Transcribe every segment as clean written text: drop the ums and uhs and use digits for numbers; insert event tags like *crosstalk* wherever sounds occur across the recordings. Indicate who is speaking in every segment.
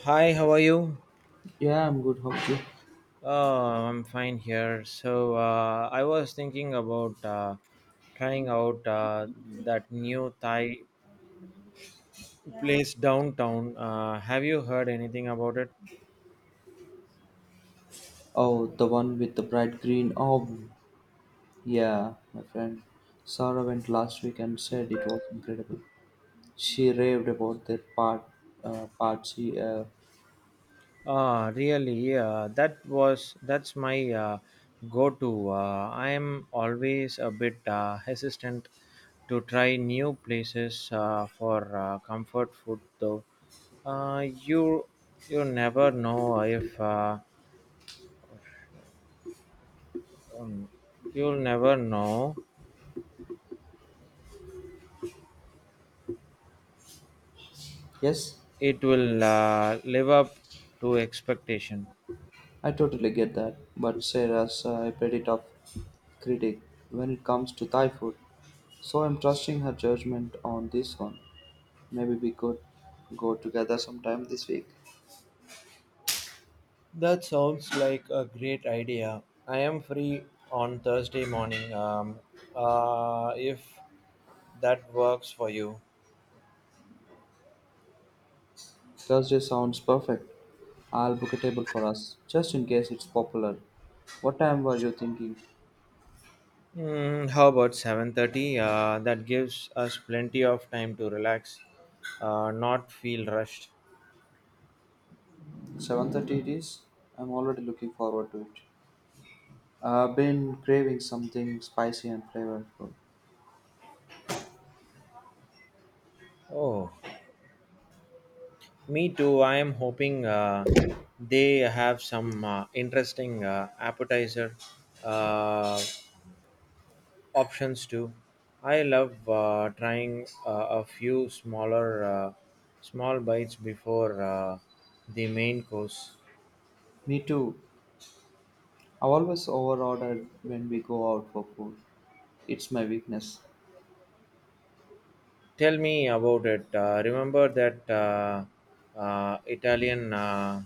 Speaker 1: Hi, how are you?
Speaker 2: Yeah, I'm good. How about you?
Speaker 1: I'm fine here. So I was thinking about trying out that new Thai place downtown. Have you heard anything about it?
Speaker 2: Oh, the one with the bright green album. Yeah, my friend Sarah went last week and said it was incredible. She raved about their part, part she,
Speaker 1: Ah, really? That's my go-to. I am always a bit hesitant to try new places for comfort food, though. Uh, you you never know if. Um, you'll never know.
Speaker 2: yes,
Speaker 1: It will live up to expectation.
Speaker 2: I totally get that. But Sarah's a pretty tough critic when it comes to Thai food, so I'm trusting her judgment on this one. Maybe we could go together sometime this week.
Speaker 1: That sounds like a great idea. I am free on Thursday morning, if that works for you.
Speaker 2: Thursday sounds perfect. I'll book a table for us, just in case it's popular. What time were you thinking?
Speaker 1: Mm, how about 7:30? That gives us plenty of time to relax, not feel rushed.
Speaker 2: 7:30 it is. I'm already looking forward to it. I've been craving something spicy and flavorful.
Speaker 1: Oh, me too. I am hoping they have some interesting appetizer uh, options too. I love trying a few small bites before the main course.
Speaker 2: Me too. I've always overordered when we go out for food. It's my weakness.
Speaker 1: Tell me about it. Remember that Italian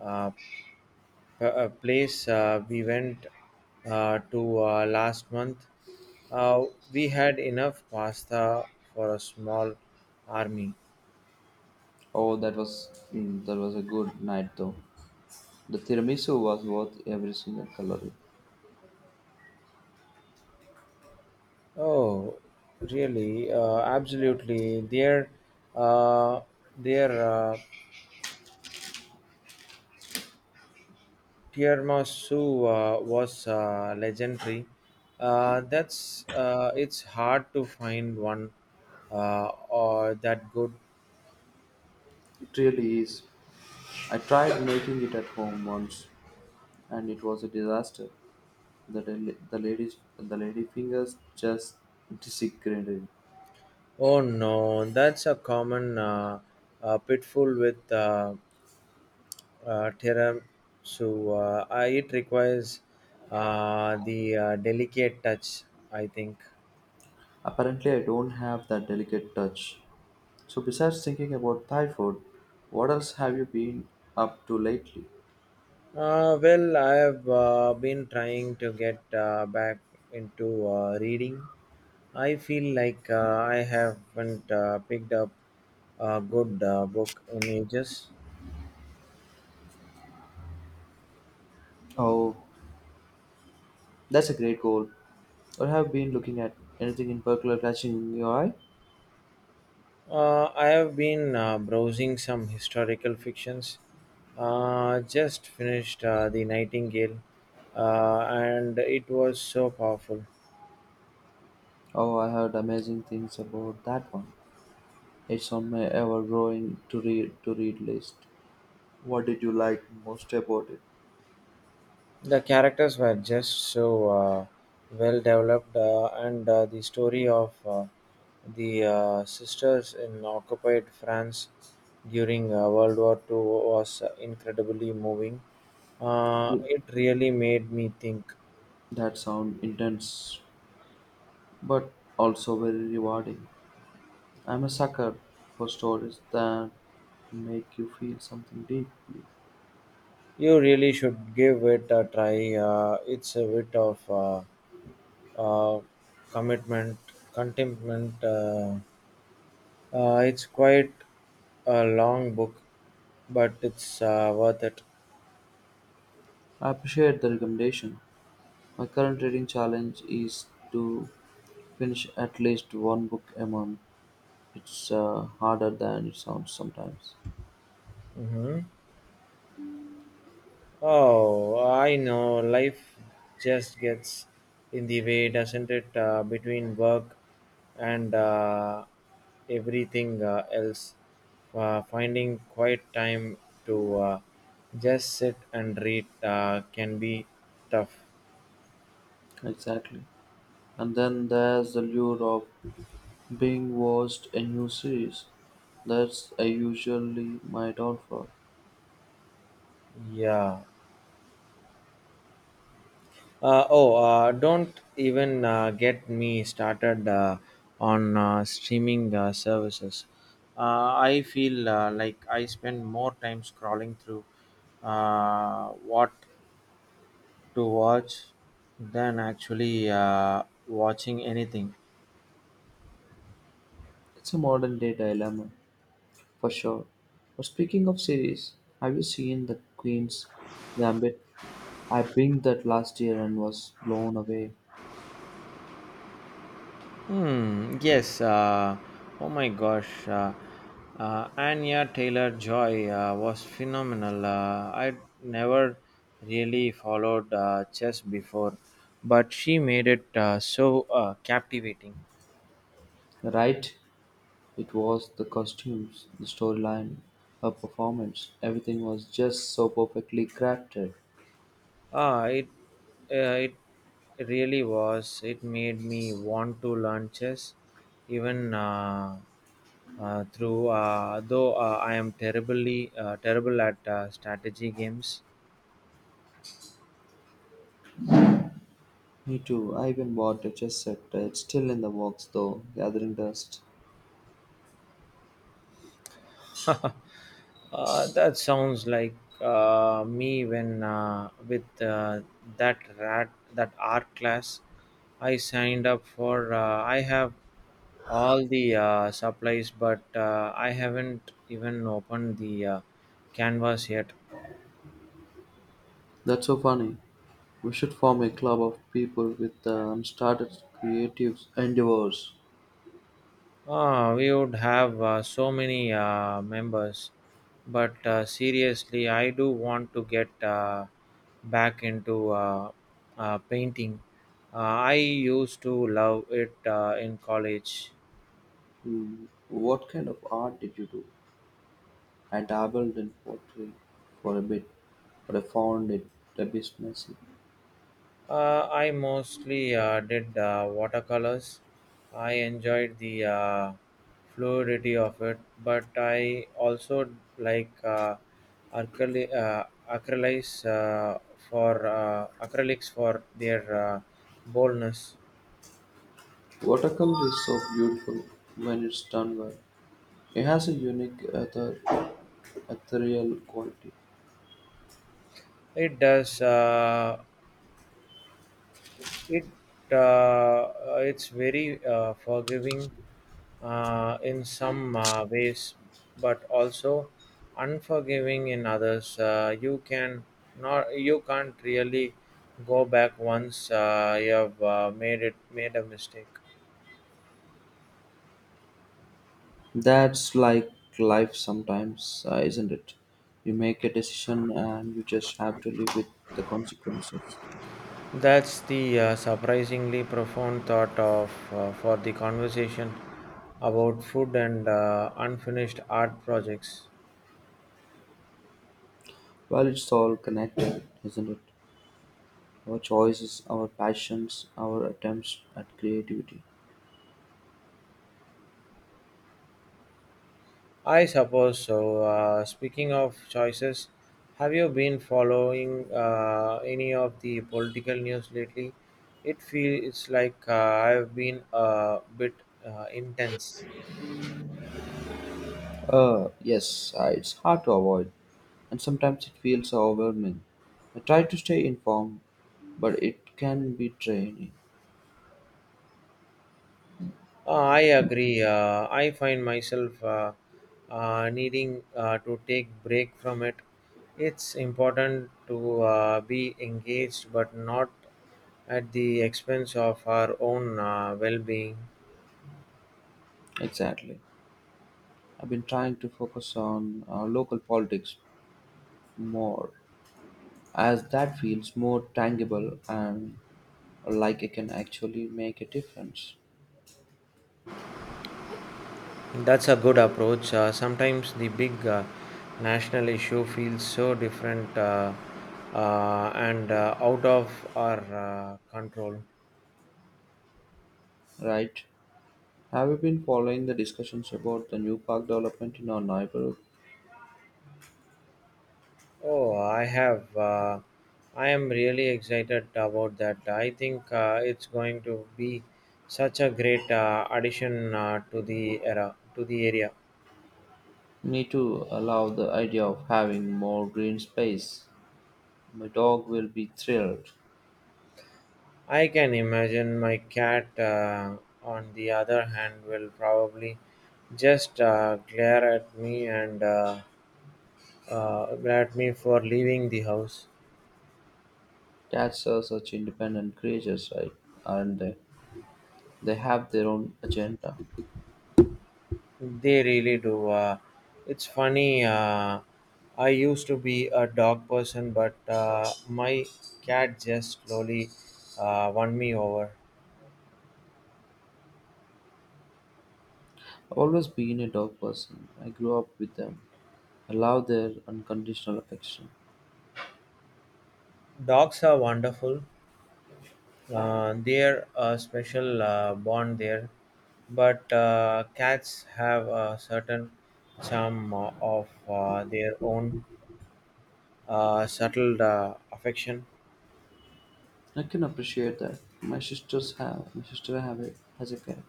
Speaker 1: uh, a place we went to last month. Uh, we had enough pasta for a small army.
Speaker 2: Oh, that was that was a good night though. The tiramisu was worth every single calorie.
Speaker 1: Oh, really? Absolutely. Uh, their tiramisu was legendary. That's It's hard to find one or that good.
Speaker 2: It really is. I tried making it at home once, and it was a disaster. The, del- the lady fingers just disagreed.
Speaker 1: Oh no, that's a common pitfall with tiramisu. It requires the delicate touch, I think.
Speaker 2: Apparently, I don't have that delicate touch. So, besides thinking about Thai food, what else have you been up to lately?
Speaker 1: Well, I have been trying to get back into reading. I feel like I haven't picked up a good book in ages.
Speaker 2: Oh, that's a great goal. Or have been looking at anything in particular catching your eye?
Speaker 1: I have been browsing some historical fictions. Just finished The Nightingale, and it was so powerful.
Speaker 2: Oh, I heard amazing things about that one. It's on my ever-growing to read list. What did you like most about it?
Speaker 1: The characters were just so well developed, and the story of the sisters in occupied France during World War Two was incredibly moving.
Speaker 2: Yeah.
Speaker 1: It really made me think.
Speaker 2: That sound intense, but also very rewarding. I'm a sucker for stories that make you feel something deeply.
Speaker 1: You really should give it a try. It's a bit of uh, commitment, contentment. It's quite a long book, but it's worth it.
Speaker 2: I appreciate the recommendation. My current reading challenge is to finish at least one book a month. It's harder than it sounds sometimes.
Speaker 1: Hmm. Oh, I know. Life just gets in the way, doesn't it? Between work and everything else, finding quiet time to just sit and read can be tough.
Speaker 2: Exactly. And then there's the lure of being watched a new series. That's usually my downfall.
Speaker 1: Yeah. Oh, don't even get me started on streaming services. I feel like I spend more time scrolling through what to watch than actually watching anything.
Speaker 2: It's a modern day dilemma, for sure. But speaking of series, have you seen The Queen's Gambit? I binged that last year and was blown away.
Speaker 1: Hmm. Yes. Oh my gosh. Anya Taylor Joy was phenomenal. I never really followed chess before, but she made it so captivating.
Speaker 2: Right? It was the costumes, the storyline, her performance. Everything was just so perfectly crafted.
Speaker 1: Ah, it really was. It made me want to learn chess, even through though I am terribly terrible at strategy games.
Speaker 2: Me too. I even bought a chess set. It's still in the works though, gathering dust.
Speaker 1: *laughs* That sounds like me when with that rat that art class I signed up for. I have all the supplies, but I haven't even opened the canvas yet.
Speaker 2: That's so funny. We should form a club of people with unstarted creative endeavors.
Speaker 1: Ah, we would have so many members, but seriously, I do want to get back into painting. Uh, I used to love it in college.
Speaker 2: Hmm. What kind of art did you do? I dabbled in pottery for a bit, but I found it a bit messy.
Speaker 1: I mostly did watercolors. I enjoyed the fluidity of it, but I also like acrylics for acrylics for their boldness.
Speaker 2: Watercolor is so beautiful when it's done well. It has a unique ethereal quality.
Speaker 1: It does. It uh, it's very forgiving in some ways, but also unforgiving in others. You can't really go back once you have made a mistake.
Speaker 2: That's like life sometimes, isn't it? You make a decision and you just have to live with the consequences.
Speaker 1: That's the surprisingly profound thought of for the conversation about food and unfinished art projects.
Speaker 2: Well, it's all connected, isn't it? Our choices, our passions, our attempts at creativity.
Speaker 1: I suppose so. Speaking of choices, have you been following any of the political news lately? It feels like I've been a bit intense.
Speaker 2: Yes, it's hard to avoid, and sometimes it feels overwhelming. I try to stay informed, but it can be draining.
Speaker 1: I agree. I find myself needing to take break from it. It's important to be engaged, but not at the expense of our own well-being.
Speaker 2: Exactly. I've been trying to focus on local politics more, as that feels more tangible and like it can actually make a difference.
Speaker 1: That's a good approach. Sometimes the big national issue feels so different and out of our control.
Speaker 2: Right? Have you been following the discussions about the new park development in our neighborhood?
Speaker 1: Oh, I have. I am really excited about that. I think it's going to be such a great addition to the area.
Speaker 2: Me too, allow the idea of having more green space. My dog will be thrilled.
Speaker 1: I can imagine my cat, on the other hand, will probably just glare at me and. At me for leaving the house.
Speaker 2: Cats are such independent creatures, right? And they? They have their own agenda.
Speaker 1: They really do. It's funny. I used to be a dog person, but my cat just slowly won me over.
Speaker 2: I've always been a dog person. I grew up with them. I love their unconditional affection.
Speaker 1: Dogs are wonderful. They're a special bond there, but cats have a certain charm of their own subtle affection.
Speaker 2: I can appreciate that. My sister has a cat,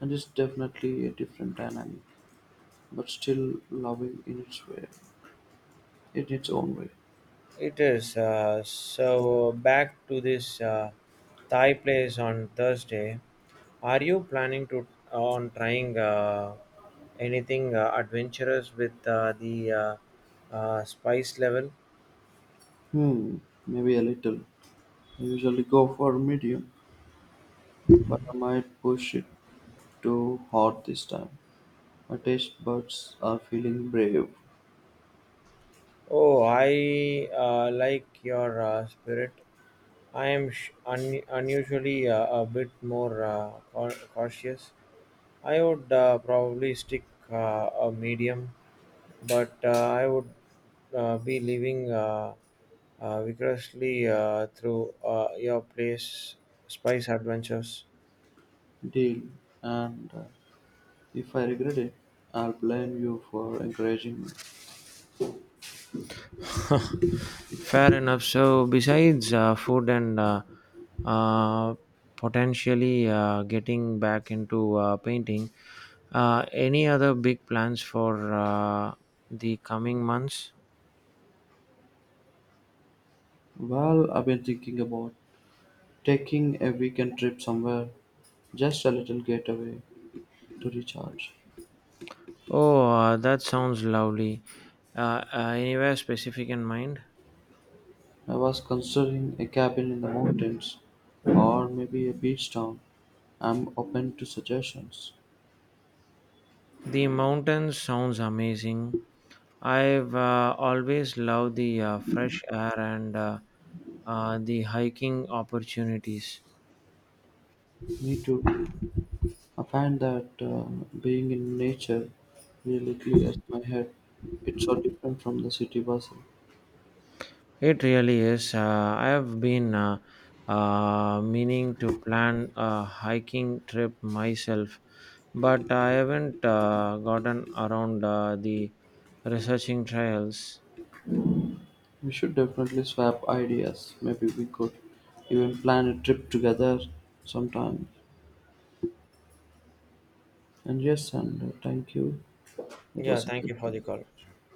Speaker 2: and it's definitely a different dynamic, but still loving in its own way.
Speaker 1: It is. So, back to this Thai place on Thursday. Are you planning to on trying anything adventurous with the spice level?
Speaker 2: Hmm, maybe a little. I usually go for medium, but I might push it too hard this time. My taste buds are feeling brave,
Speaker 1: Oh, I like your spirit. I am unusually a bit more cautious. I would probably stick a medium but I would be living vigorously through your place spice adventures.
Speaker 2: deal, and if I regret it, I'll blame you for encouraging me.
Speaker 1: Fair enough. So, besides food and uh, potentially getting back into painting, any other big plans for the coming months?
Speaker 2: Well, I've been thinking about taking a weekend trip somewhere, just a little getaway to recharge.
Speaker 1: Oh, that sounds lovely. Anywhere specific in mind?
Speaker 2: I was considering a cabin in the mountains or maybe a beach town. I'm open to suggestions.
Speaker 1: The mountain sounds amazing. I've always loved the fresh air and the hiking opportunities.
Speaker 2: Me too. I find that being in nature really clears my head. It's so different from the city bustle.
Speaker 1: It really is. I have been meaning to plan a hiking trip myself, but I haven't gotten around the researching trails.
Speaker 2: We should definitely swap ideas. Maybe we could even plan a trip together sometime. And yes, and thank you. It
Speaker 1: Yeah,
Speaker 2: was a
Speaker 1: thank
Speaker 2: good
Speaker 1: you for the call.